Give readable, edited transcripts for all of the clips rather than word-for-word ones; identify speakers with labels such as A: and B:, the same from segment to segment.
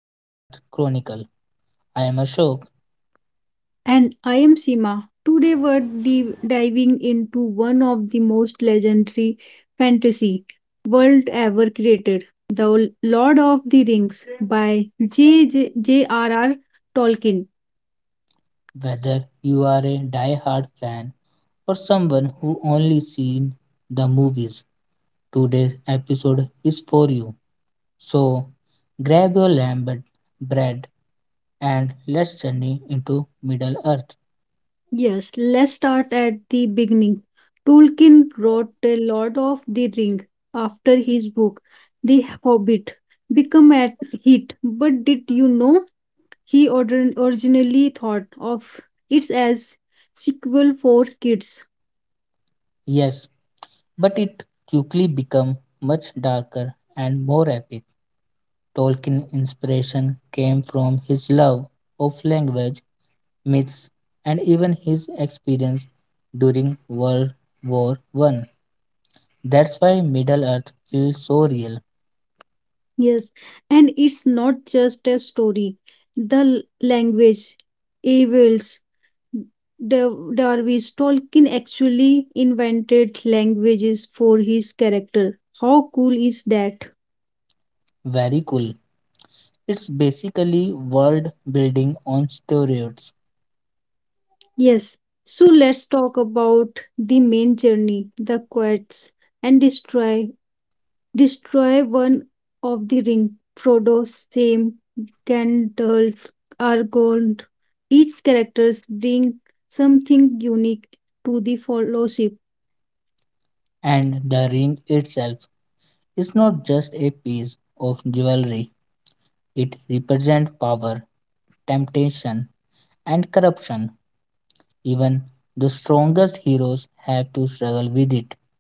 A: to Middle Earth Chronicle. I am Ashok.
B: And I am Sima. Today we're diving into one of the most legendary fantasy world ever created, The Lord of the Rings by J.J. Tolkien.
A: Whether you are a die-hard fan or someone who only seen the movies, today's episode is for you. So grab your lamb bread and let's journey into Middle Earth.
B: Yes, let's start at the beginning. Tolkien wrote The Lord of the Ring after his book The Hobbit became a hit. But did you know he originally thought of it as sequel for kids.
A: Yes, but it quickly became much darker and more epic. Tolkien's inspiration came from his love of language myths, and even his experience during World War I. That's why Middle Earth feels so real.
B: Yes, and it's not just a story. The language, evils, Darwin's Tolkien actually invented languages for his character. How cool is that?
A: Very cool. It's basically world building on steroids,
B: Yes. So let's talk about the main journey, the quests and destroy one of the ring. Frodo, Sam, Gandalf, Aragorn. Each characters bring something unique to the fellowship.
A: and the ring itself is not just a piece of jewelry. It represents power, temptation, and corruption. Even the strongest heroes have to struggle with it.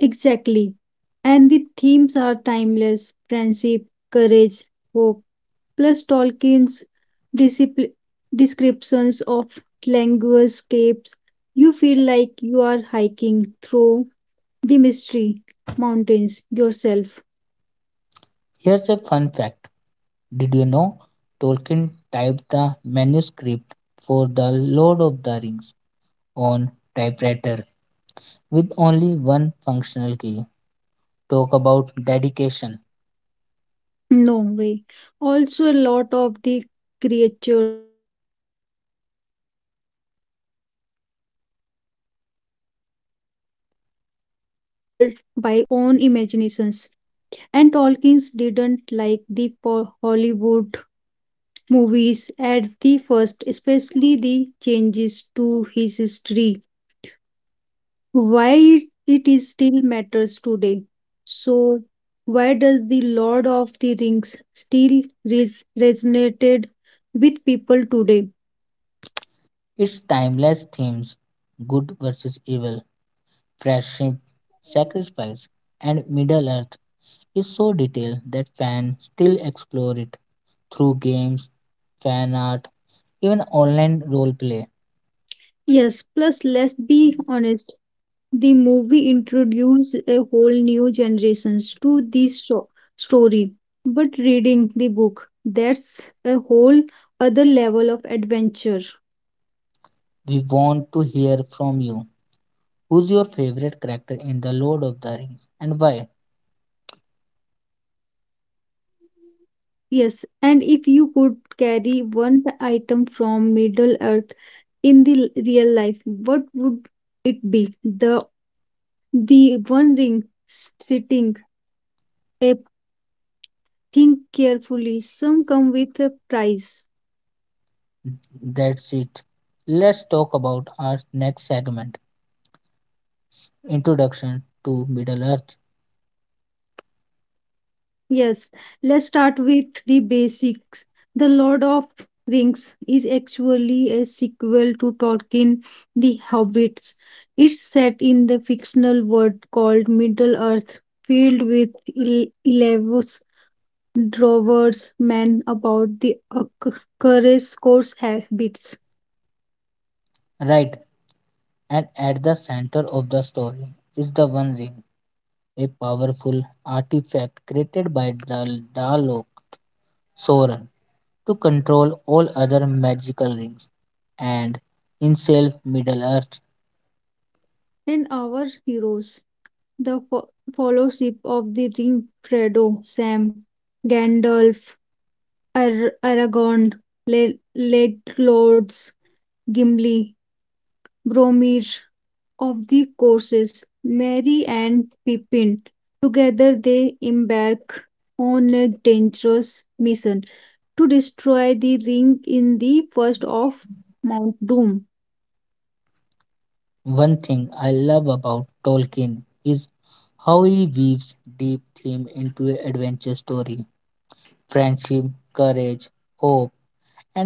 B: Exactly. And the themes are timeless friendship, courage, hope, plus Tolkien's discipl- descriptions of landscapes. You feel like you are hiking through the mystery mountains yourself.
A: Here's a fun fact. Did you know Tolkien typed the manuscript for The Lord of the Rings on typewriter with only one functional key? Talk about dedication.
B: No way. Also, a lot of the creatures like ockers and ants were inspired by old myths and Tolkien's own imaginations. And Tolkien didn't like the Hollywood movies at the first, especially the changes to his history why it is still matters today. So, why does the Lord of the Rings still resonated with people today?
A: Its timeless themes good versus evil, friendship, sacrifice, and Middle Earth is so detailed that fans still explore it through games, fan art, even online role play.
B: Yes, plus let's be honest, the movie introduced a whole new generations to this story. But reading the book, that's a whole other level of adventure.
A: We want to hear from you. Who's your favorite character in The Lord of the Rings and why?
B: Yes, and if you could carry one item from Middle Earth in the real life, what would it be? The one ring sitting a think carefully. Some come with a price.
A: That's it. Let's talk about our next segment, Introduction to Middle Earth.
B: Yes, let's start with the basics. The Lord of Rings is actually a sequel to Tolkien The Hobbits. It's set in the fictional world called Middle Earth, filled with ele- drovers men about the courageous course habits
A: Right, and at the center of the story is the One Ring, a powerful artifact created by the Dalok Sauron to control all other magical rings. And in self Middle Earth.
B: and our heroes the fellowship of the ring, fredo, sam, gandalf, aragorn, Le- Legolas, gimli, bromir of the courses, merry and pippin. Together they embark on a dangerous mission to destroy the ring in the first of Mount Doom.
A: One thing I love about Tolkien is how he weaves deep themes into an adventure story. Friendship, courage, hope,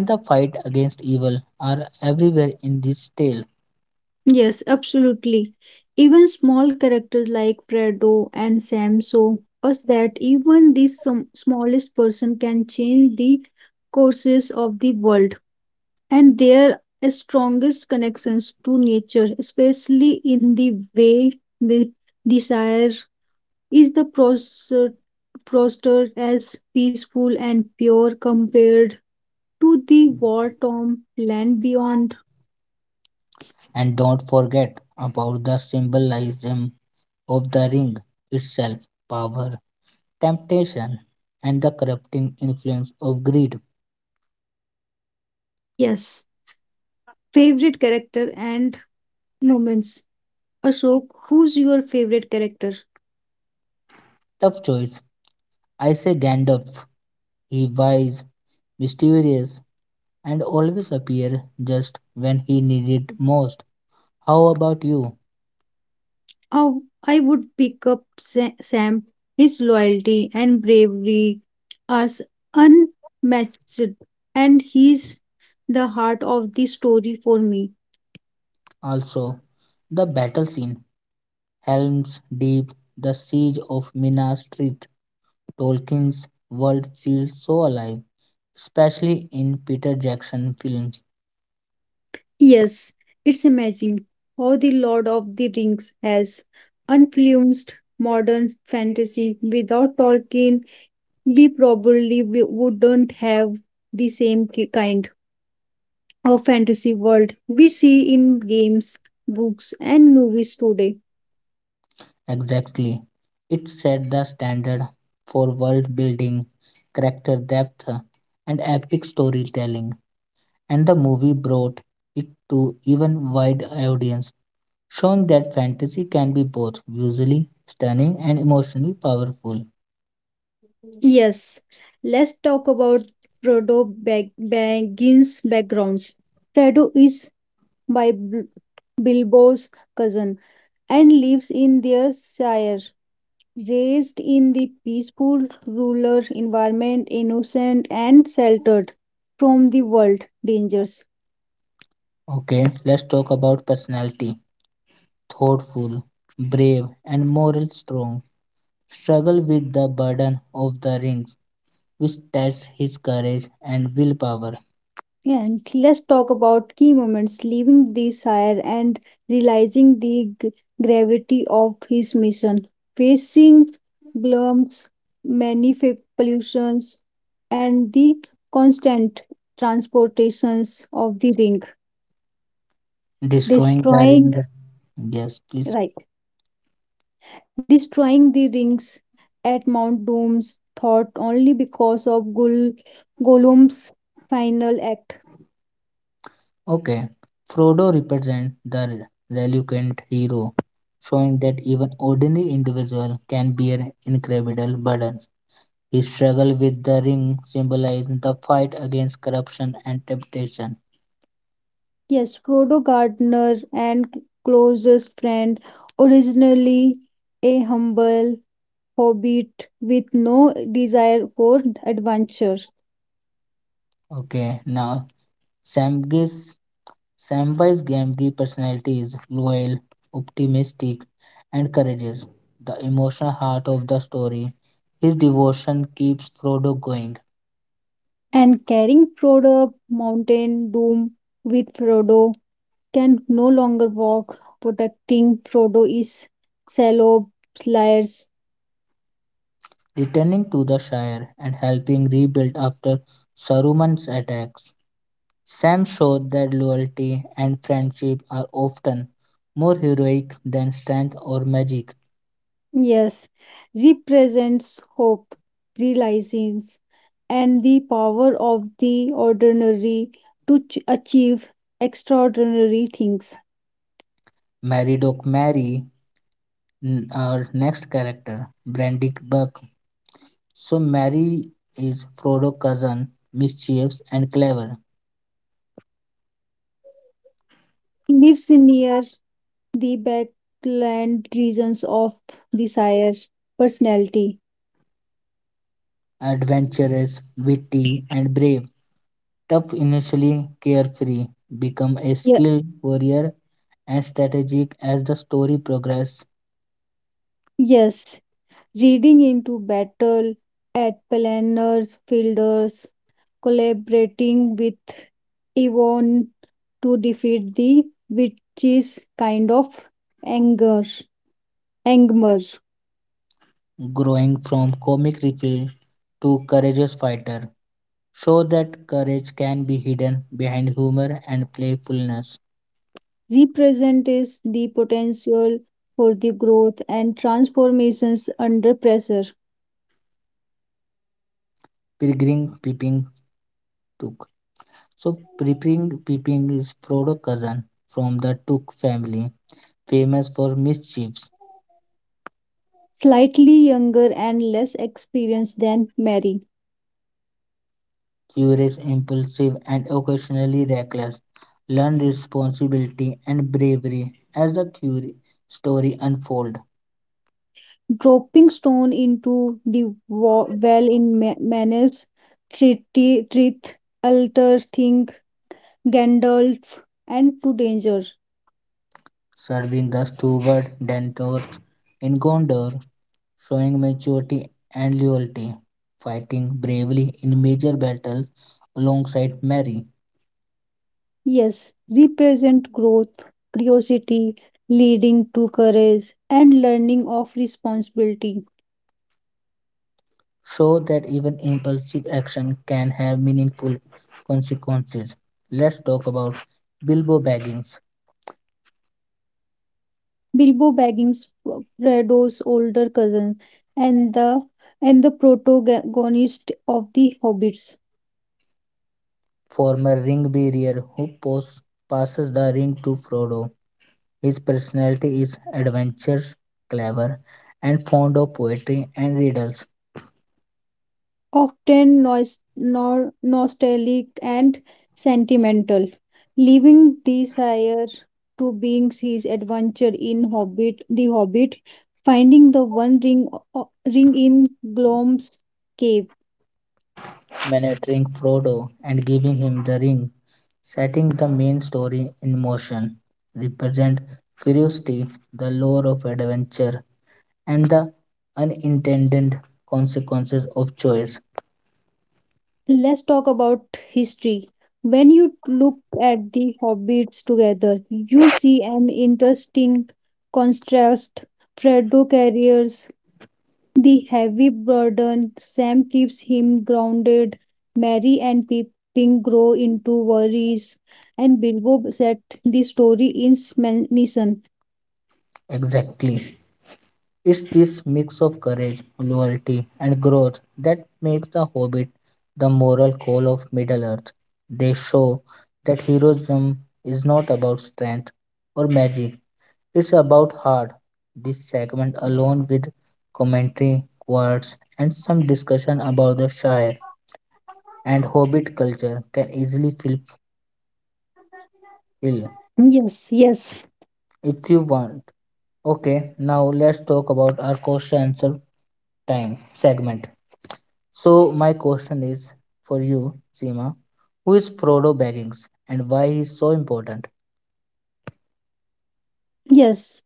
A: and the fight against evil are everywhere in this tale.
B: Yes, absolutely. Even small characters like Fredo and Sam show us that even the some smallest person can change the courses of the world, and their strongest connections to nature, especially in the way the desire is the prospered as peaceful and pure compared to the war-torn land beyond.
A: And don't forget about the symbolism of the ring itself, power, temptation, and the corrupting influence of greed.
B: Yes, favorite character and moments. Ashok, who's your favorite character?
A: Tough choice. I say Gandalf. He wise, mysterious, and always appear just when he needed most. How about you?
B: Oh, I would pick up Sam. His loyalty and bravery are unmatched, and he's the heart of the story for me.
A: Also, the battle scene, Helm's Deep, the siege of Minas Tirith. Tolkien's world feels so alive, especially in Peter Jackson films.
B: Yes, it's amazing how the Lord of the Rings has influenced modern fantasy. Without Tolkien, we probably wouldn't have the same kind. Or fantasy world we see in games, books, and movies today.
A: Exactly. It set the standard for world building, character depth, and epic storytelling, and the movie brought it to even wide audience. Shown that fantasy can be both visually stunning and emotionally powerful.
B: Yes, let's talk about Frodo Baggins' backgrounds. Frodo is by Bilbo's cousin and lives in their shire. Raised in the peaceful rural environment, innocent and sheltered from the world dangers.
A: Okay, let's talk about personality, thoughtful, brave, and moral strong. Struggle with the burden of the rings, which tests his courage and willpower.
B: Yeah, and let's talk about key moments leaving the Sire and realizing the gravity of his mission, facing glooms, many pollutions, and the constant transportations of the ring,
A: Destroying the
B: destroying
A: ring. Yes, please.
B: right, destroying the rings at Mount Doom's thought only because of Gul Gollum's final act.
A: Okay. Frodo represents the reluctant hero, showing that even ordinary individual can bear incredible burdens. He struggled with the ring, symbolizing the fight against corruption and temptation.
B: Yes, Frodo Gardner and closest friend, originally a humble hobbit with no desire for adventure,
A: Okay, now Samge's Samwise Gamgee's personality is loyal, optimistic, and courageous. The emotional heart of the story, his devotion keeps Frodo going,
B: and carrying Frodo up Mountain Doom with Frodo can no longer walk, protecting Frodo is Salob.
A: returning to the Shire and helping rebuild after Saruman's attacks. Sam showed that loyalty and friendship are often more heroic than strength or magic.
B: Yes, represents hope, realizings, and the power of the ordinary to achieve extraordinary things.
A: Mary Doc Mary, our next character, Brandy Buck. So, Mary is Frodo's cousin, mischievous and clever,
B: Lives near the backland regions of desire, personality.
A: adventurous, witty, and brave. Tough, initially carefree, become a
B: Ye-
A: skilled warrior and strategic as the story progresses,
B: yes, reading into battle at planners, fielders, collaborating with Yvonne to defeat the witch's kind of anger. Angmer
A: growing from comic relief to courageous fighter. Show that courage can be hidden behind humor and playfulness.
B: represents the potential for the growth and transformations under pressure.
A: Pilgrim Pippin took. So Piping is Frodo cousin from the Took family, famous for mischiefs,
B: Slightly younger and less experienced than Mary,
A: curious, impulsive, and occasionally reckless. Learn responsibility and bravery as the story unfolds,
B: dropping stone into the well in Manus, Trith, Alter, Think, Gandalf, and to danger.
A: serving the steward Denethor in Gondor, showing maturity and loyalty, fighting bravely in major battles alongside Merry.
B: Yes, represent growth, curiosity, leading to courage, and learning of responsibility.
A: Show that even impulsive action can have meaningful consequences. Let's talk about Bilbo Baggins,
B: Bilbo Baggins, Frodo's older cousin, and the protagonist of the Hobbits,
A: former ring bearer who passes the ring to Frodo. His personality is adventurous, clever, and fond of poetry and riddles,
B: often nostalgic and sentimental, leaving the sire to being his adventure in Hobbit, finding the One Ring, ring in Gloom's cave.
A: managing Frodo and giving him the ring, setting the main story in motion, represent curiosity, the lure of adventure, and the unintended consequences of choice.
B: Let's talk about history. When you look at the hobbits together, you see an interesting contrast. Frodo carries the heavy burden, Sam keeps him grounded, Merry and Pippin grow into worries, and Bilbo set the story in mission.
A: Exactly. It's this mix of courage, loyalty, and growth that makes The Hobbit the moral core of Middle Earth. They show that heroism is not about strength or magic, it's about heart. This segment, along with commentary, quotes, and some discussion about the Shire and Hobbit culture, can easily fill.
B: Yes, yes,
A: If you want. Okay, now let's talk about our question answer time segment. So my question is for you, Seema. Who is Frodo Baggins and why he is so important?
B: yes.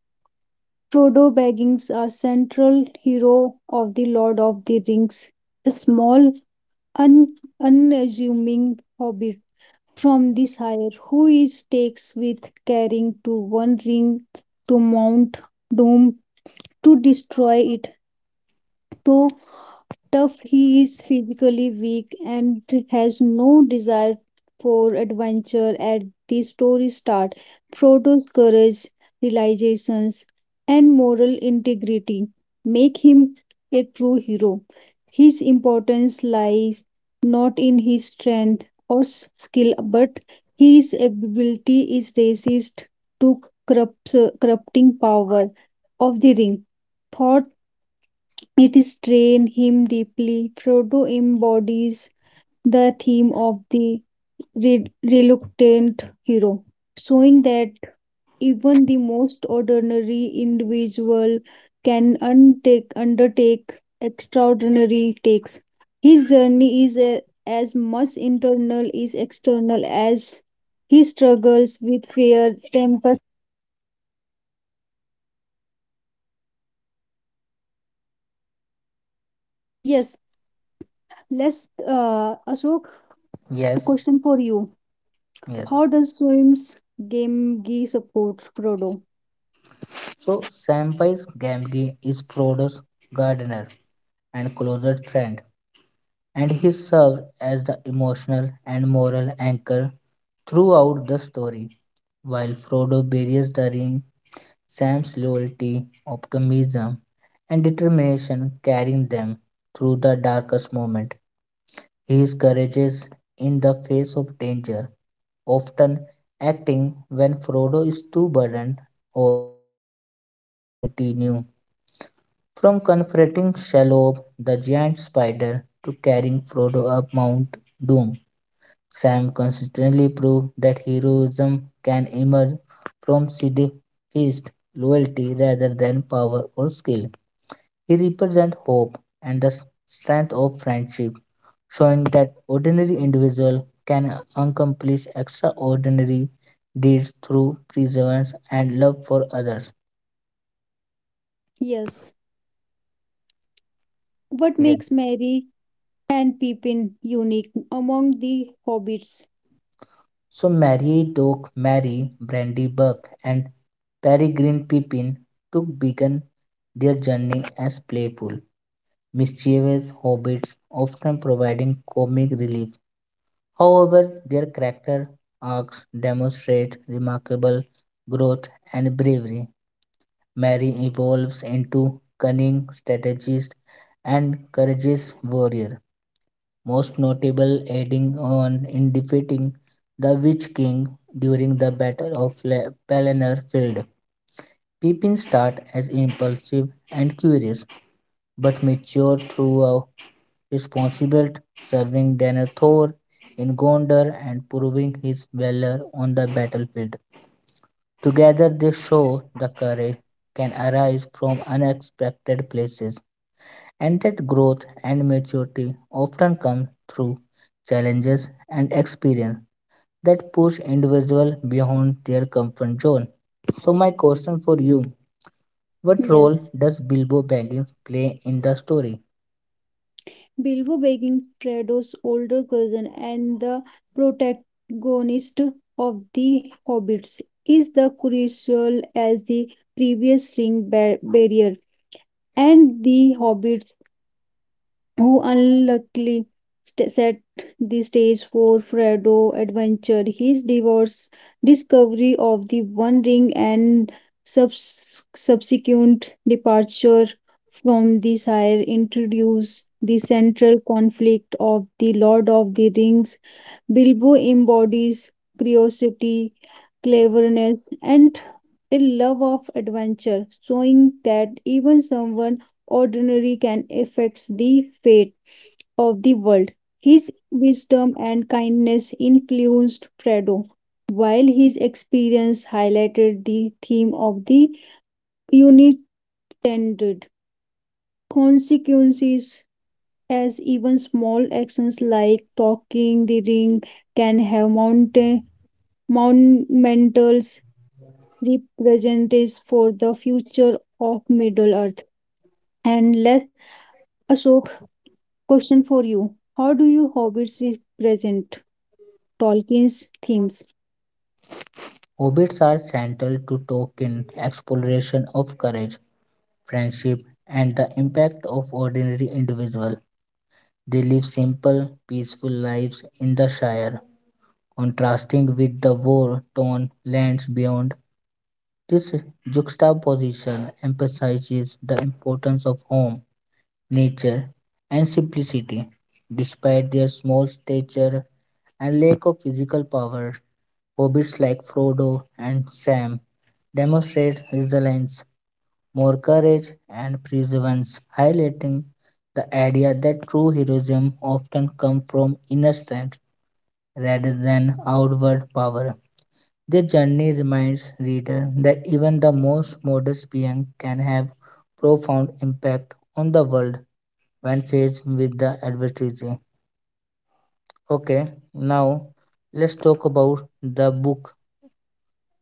B: Frodo Baggins, our central hero of the Lord of the Rings, a small un- unassuming hobbit from the sire who is takes with caring to one ring to mount doom to destroy it, though tough he is physically weak and has no desire for adventure at the story start. Frodo's courage, realizations, and moral integrity make him a true hero. His importance lies not in his strength or skill, but his ability is resist to corrupt, corrupting power of the ring. It strains him deeply. Frodo embodies the theme of the reluctant hero, showing that even the most ordinary individual can undertake extraordinary takes. His journey is a, as much internal as external as he struggles with fear, temper. Yes, let's, Ashok, a
A: Yes,
B: question for you. How
A: yes.
B: does Swim's game Gee support Frodo?
A: So Samwise Gamgee is Frodo's gardener and closest friend, and he serves as the emotional and moral anchor throughout the story. While Frodo buries the ring, Sam's loyalty, optimism, and determination carrying them through the darkest moment. His courage is in the face of danger, often acting when Frodo is too burdened or exhausted to continue. From confronting Shelob, the giant spider, to carrying Frodo up Mount Doom, Sam consistently proved that heroism can emerge from steadfast loyalty rather than power or skill. He represents hope and the strength of friendship, showing that ordinary individuals can accomplish extraordinary deeds through perseverance and love for others.
B: Yes. What
A: Yeah.
B: makes Merry and Pippin unique among the hobbits?
A: So Mary Doc, Mary Brandy Buck, and Peregrine Pippin took began their journey as playful mischievous hobbits, often providing comic relief. However, their character arcs demonstrate remarkable growth and bravery. Mary evolves into cunning strategist and courageous warrior, most notable aiding on in defeating the Witch King during the Battle of Pelennor Field. Pippin starts as impulsive and curious, but matures through responsible, serving Denethor in Gondor and proving his valor on the battlefield. Together they show the courage can arise from unexpected places and that growth and maturity often come through challenges and experience that push individuals beyond their comfort zone. So my question for you, what role
B: Yes.
A: does Bilbo Baggins play in the story?
B: Bilbo begging Frodo's older cousin and the protagonist of the hobbits is the crucial as the previous ring barrier and the hobbits who unluckily set the stage for Frodo adventure. His divorce, discovery of the One Ring, and subsequent departure from the Shire introduce the central conflict of the Lord of the Rings. Bilbo embodies curiosity, cleverness, and a love of adventure, showing that even someone ordinary can affect the fate of the world. His wisdom and kindness influenced Frodo, while his experience highlighted the theme of the unintended consequences, as even small actions like talking the ring can have monumental representatives for the future of Middle Earth. And let Ashok question for you. How do you hobbits represent Tolkien's themes?
A: Hobbits are central to Tolkien's exploration of courage, friendship, and the impact of ordinary individuals. They live simple, peaceful lives in the Shire, contrasting with the war torn lands beyond. This juxtaposition emphasizes the importance of home nature, and simplicity. Despite their small stature and lack of physical power, hobbits like Frodo and Sam demonstrate resilience, more courage, and perseverance, highlighting the idea that true heroism often comes from inner strength rather than outward power. Their journey reminds reader that even the most modest being can have profound impact on the world when faced with the adversity. Okay, now let's talk about the book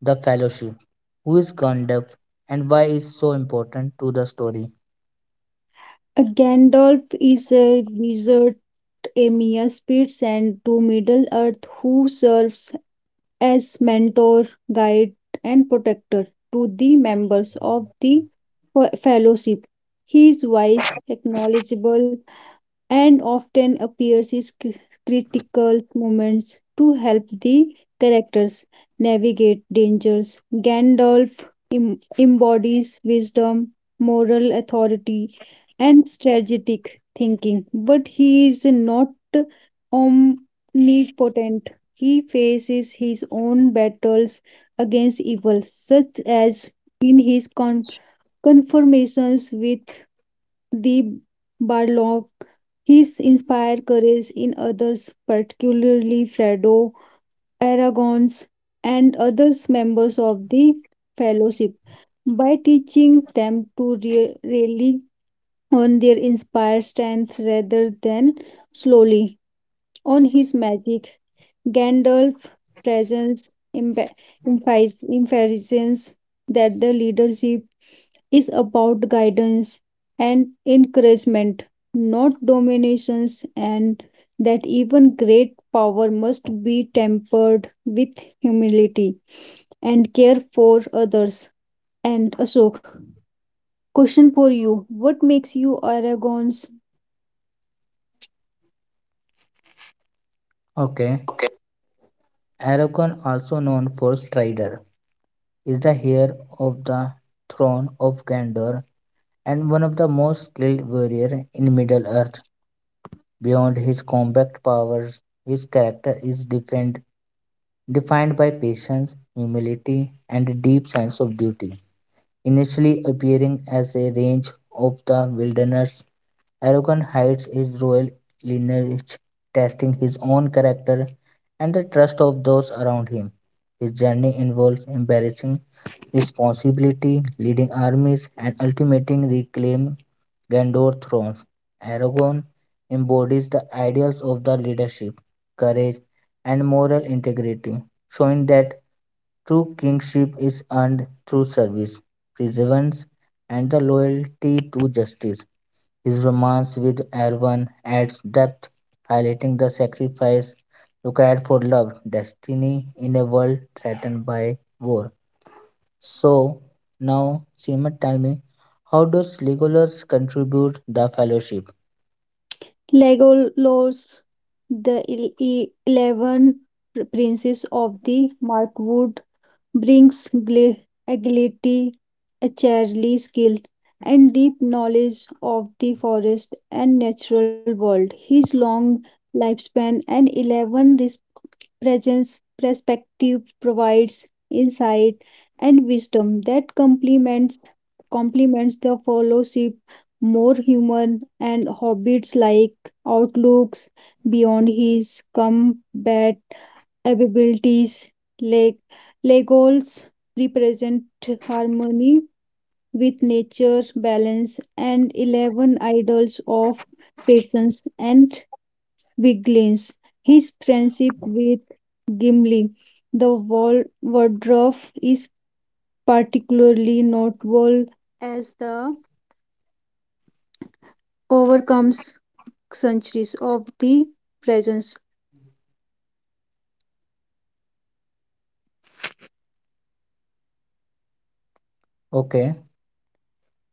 A: The Fellowship. Who is Gone Deaf and why is so important to the story?
B: A Gandalf is a wizard, a mere spirit sent to Middle Earth who serves as mentor, guide, and protector to the members of the fellowship. He is wise, acknowledgeable, and often appears in critical moments to help the characters navigate dangers. Gandalf embodies wisdom, moral authority, and strategic thinking, but he is not omnipotent. He faces his own battles against evil, such as in his confirmations with the Barlock. His inspired courage in others, particularly Fredo, Aragons, and other members of the fellowship, by teaching them to rely on their inspired strength rather than slowly on his magic. Gandalf's presence emphasizes that the leadership is about guidance and encouragement, not dominations, and that even great power must be tempered with humility and care for others. And Ashok, question for you. What
A: Okay, Aragorn, also known for Strider, is the heir of the throne of Gondor and one of the most skilled warrior in Middle Earth. Beyond his combat powers, his character is defined by patience, humility, and a deep sense of duty. Initially appearing as a range of the wilderness. Aragon hides his royal lineage, testing his own character and the trust of those around him. His journey involves embarrassing responsibility, leading armies, and ultimately reclaiming Gondor thrones. Aragon embodies the ideals of the leadership, courage, and moral integrity, showing that true kingship is earned through service, perseverance, and the loyalty to justice. His romance with Erwan adds depth, highlighting the sacrifice required for love, destiny in a world threatened by war. So, now, Seema, tell me, how does Legolas contribute the fellowship?
B: Legolas, the 11 princes of the Markwood, brings agility, agility, skill, and deep knowledge of the forest and natural world. His long lifespan and 11 presence perspective provides insight and wisdom that complements the fellowship more human and hobbits like outlooks beyond his combat abilities. Leg legos represent harmony with nature balance and 11 idols of patience and vigilance his friendship with Gimli. The wardrobe is particularly noteworthy.
A: Okay,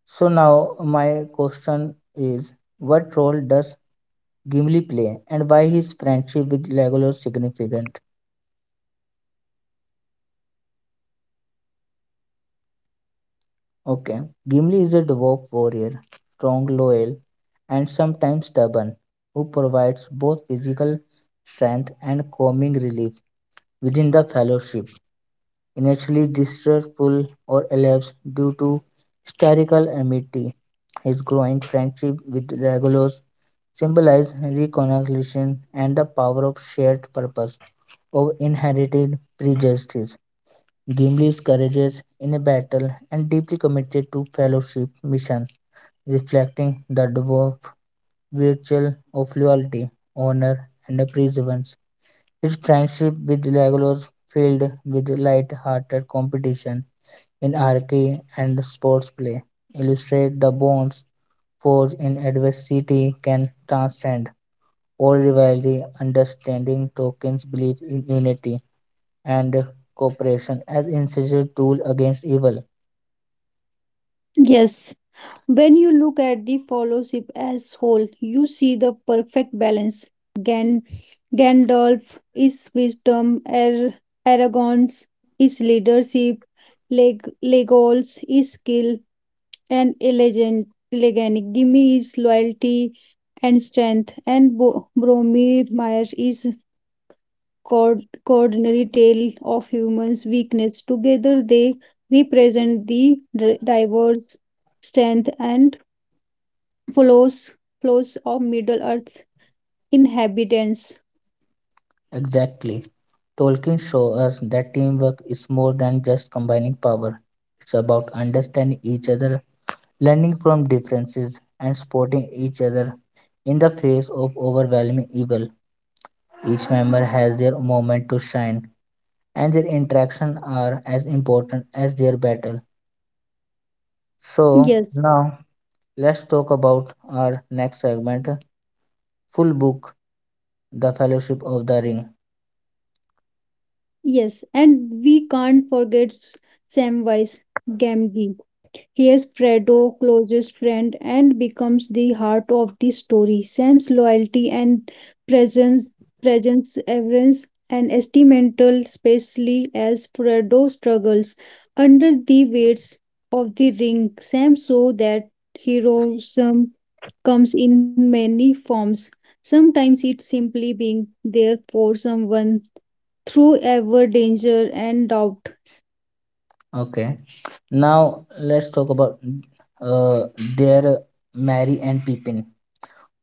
A: so now my question is, what role does Gimli play, and why his friendship with Legolas significant? Okay. Gimli is a dwarf warrior, strong, loyal, and sometimes stubborn, who provides both physical strength and calming relief within the fellowship. Initially distrustful or elapsed due to historical enmity, his growing friendship with Legolas symbolizes reconciliation and the power of shared purpose over inherited prejudices. Gimli's courageous in a battle and deeply committed to fellowship mission, reflecting the dwarf virtue of loyalty, honor, and perseverance. His friendship with Legolas filled with light-hearted competition in archery and sports play illustrate the bonds forged in adversity can transcend all rivalry, understanding Tolkien's belief in unity and cooperation as essential tool against evil.
B: Yes, when you look at the fellowship as whole, you see the perfect balance. Gan- Gandalf is wisdom, Aragorn's is leadership, Legolas is skill, and Eleganic Gimli is loyalty and strength, and Bromir Mire is coordinary tale of humans' weakness. Together, they represent the diverse strength and flows flows of middle earth's inhabitants.
A: Exactly. Tolkien shows us that teamwork is more than just combining power. It's about understanding each other, learning from differences, and supporting each other in the face of overwhelming evil. Each member has their moment to shine, and their interaction are as important as their battle. So,
B: yes
A: now let's talk about our next segment, full book, The Fellowship of the Ring.
B: yes, and we can't forget samwise gamgee. Here, Fredo, closest friend, and becomes the heart of the story. Sam's loyalty and presence, presence, avarice, and estimental, especially as Fredo struggles under the weights of the ring. Sam saw that heroism comes in many forms. Sometimes it's simply being there for someone through ever danger and doubt.
A: Okay. Now let's talk about uh, their Mary and Pippin,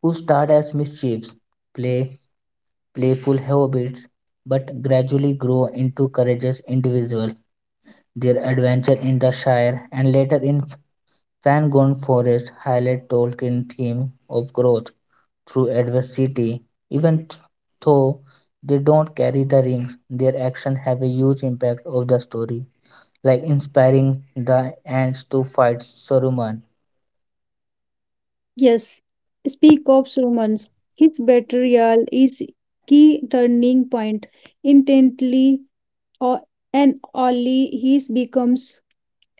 A: who start as mischiefs, play, playful hobbits, but gradually grow into courageous individuals. Their adventure in the Shire and later in Fangorn Forest highlight Tolkien's theme of growth through adversity. Even though they don't carry the ring, their actions have a huge impact of the story like inspiring the ants to fight Saruman.
B: Yes, speak of Romans. His betrayal is key turning point. Intently or and only he becomes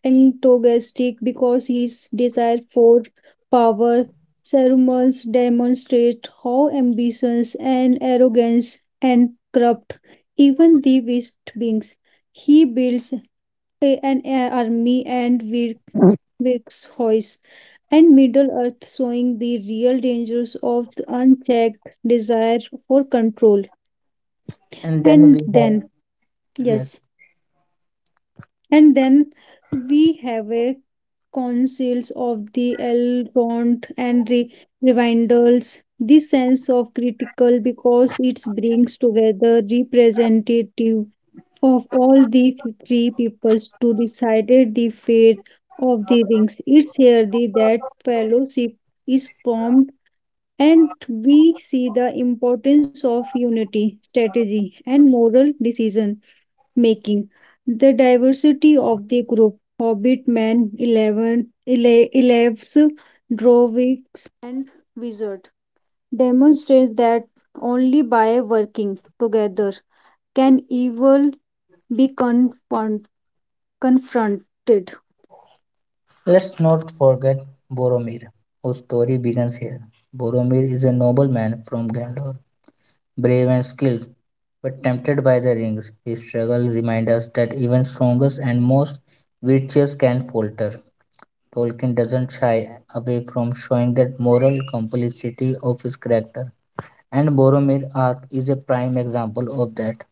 B: antagonistic because his desire for power. Sermons demonstrate how ambitions and arrogance and corrupt even the best beings. He builds an army and works hoist and Middle Earth showing the real dangers of the unchecked desire for control.
A: And then
B: And
A: we have,
B: then, yes,
A: yes,
B: and then we have a councils of the Elrond and Revindals. This sense of critical because it brings together representative of all the three peoples to decide the fate of the rings. It's here that fellowship is formed. And we see the importance of unity, strategy, and moral decision making. The diversity of the group Hobbit Man 11 11.
A: let's not forget Boromir, whose story begins here. Boromir is a nobleman from Gondor, brave and skilled, but tempted by the rings. His struggle reminds us that even strongest and most virtuous can falter. Tolkien doesn't shy away from showing that moral complexity of his character, and Boromir arc is a prime example of that.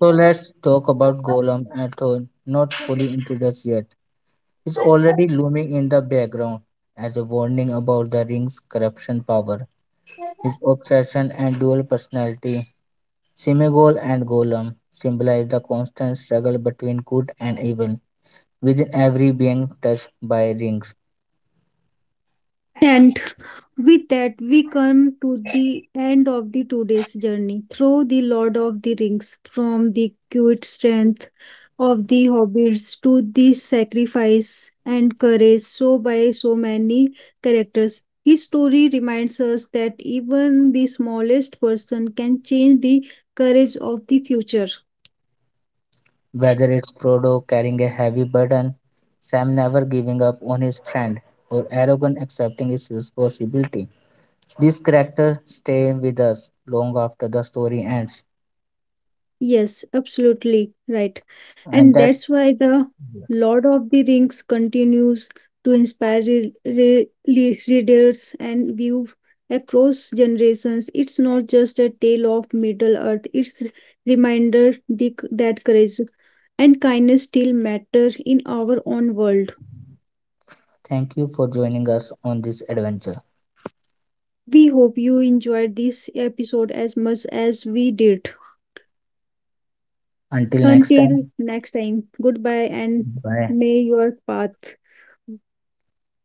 A: So let's talk about Golem and Thorn, not fully introduced yet. It's already looming in the background as a warning about the ring's corruption power, his obsession and dual personality. Simegol and Golem symbolize the constant struggle between good and evil within every being touched by rings.
B: And with that, we come to the end of the today's journey through the Lord of the Rings, from the cute strength of the hobbits to the sacrifice and courage so by so many characters. His story reminds us that even the smallest person can change the courage of the future.
A: Whether it's Frodo carrying a heavy burden, Sam never giving up on his friend, or Aragorn accepting his responsibility, these characters stay with us long after the story ends.
B: Yes, absolutely right.
A: And
B: And
A: that,
B: that's why the Lord of the Rings continues to inspire readers and view across generations. It's not just a tale of Middle Earth, it's a reminder that courage and kindness still matter in our own world.
A: thank you for joining us on this adventure.
B: We hope you enjoyed this episode as much as we did.
A: Until next time,
B: Until next time, goodbye and
A: bye.
B: may your path.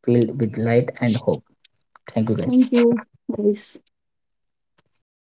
A: Filled with light and hope. Thank you, guys.
B: Thank you, guys.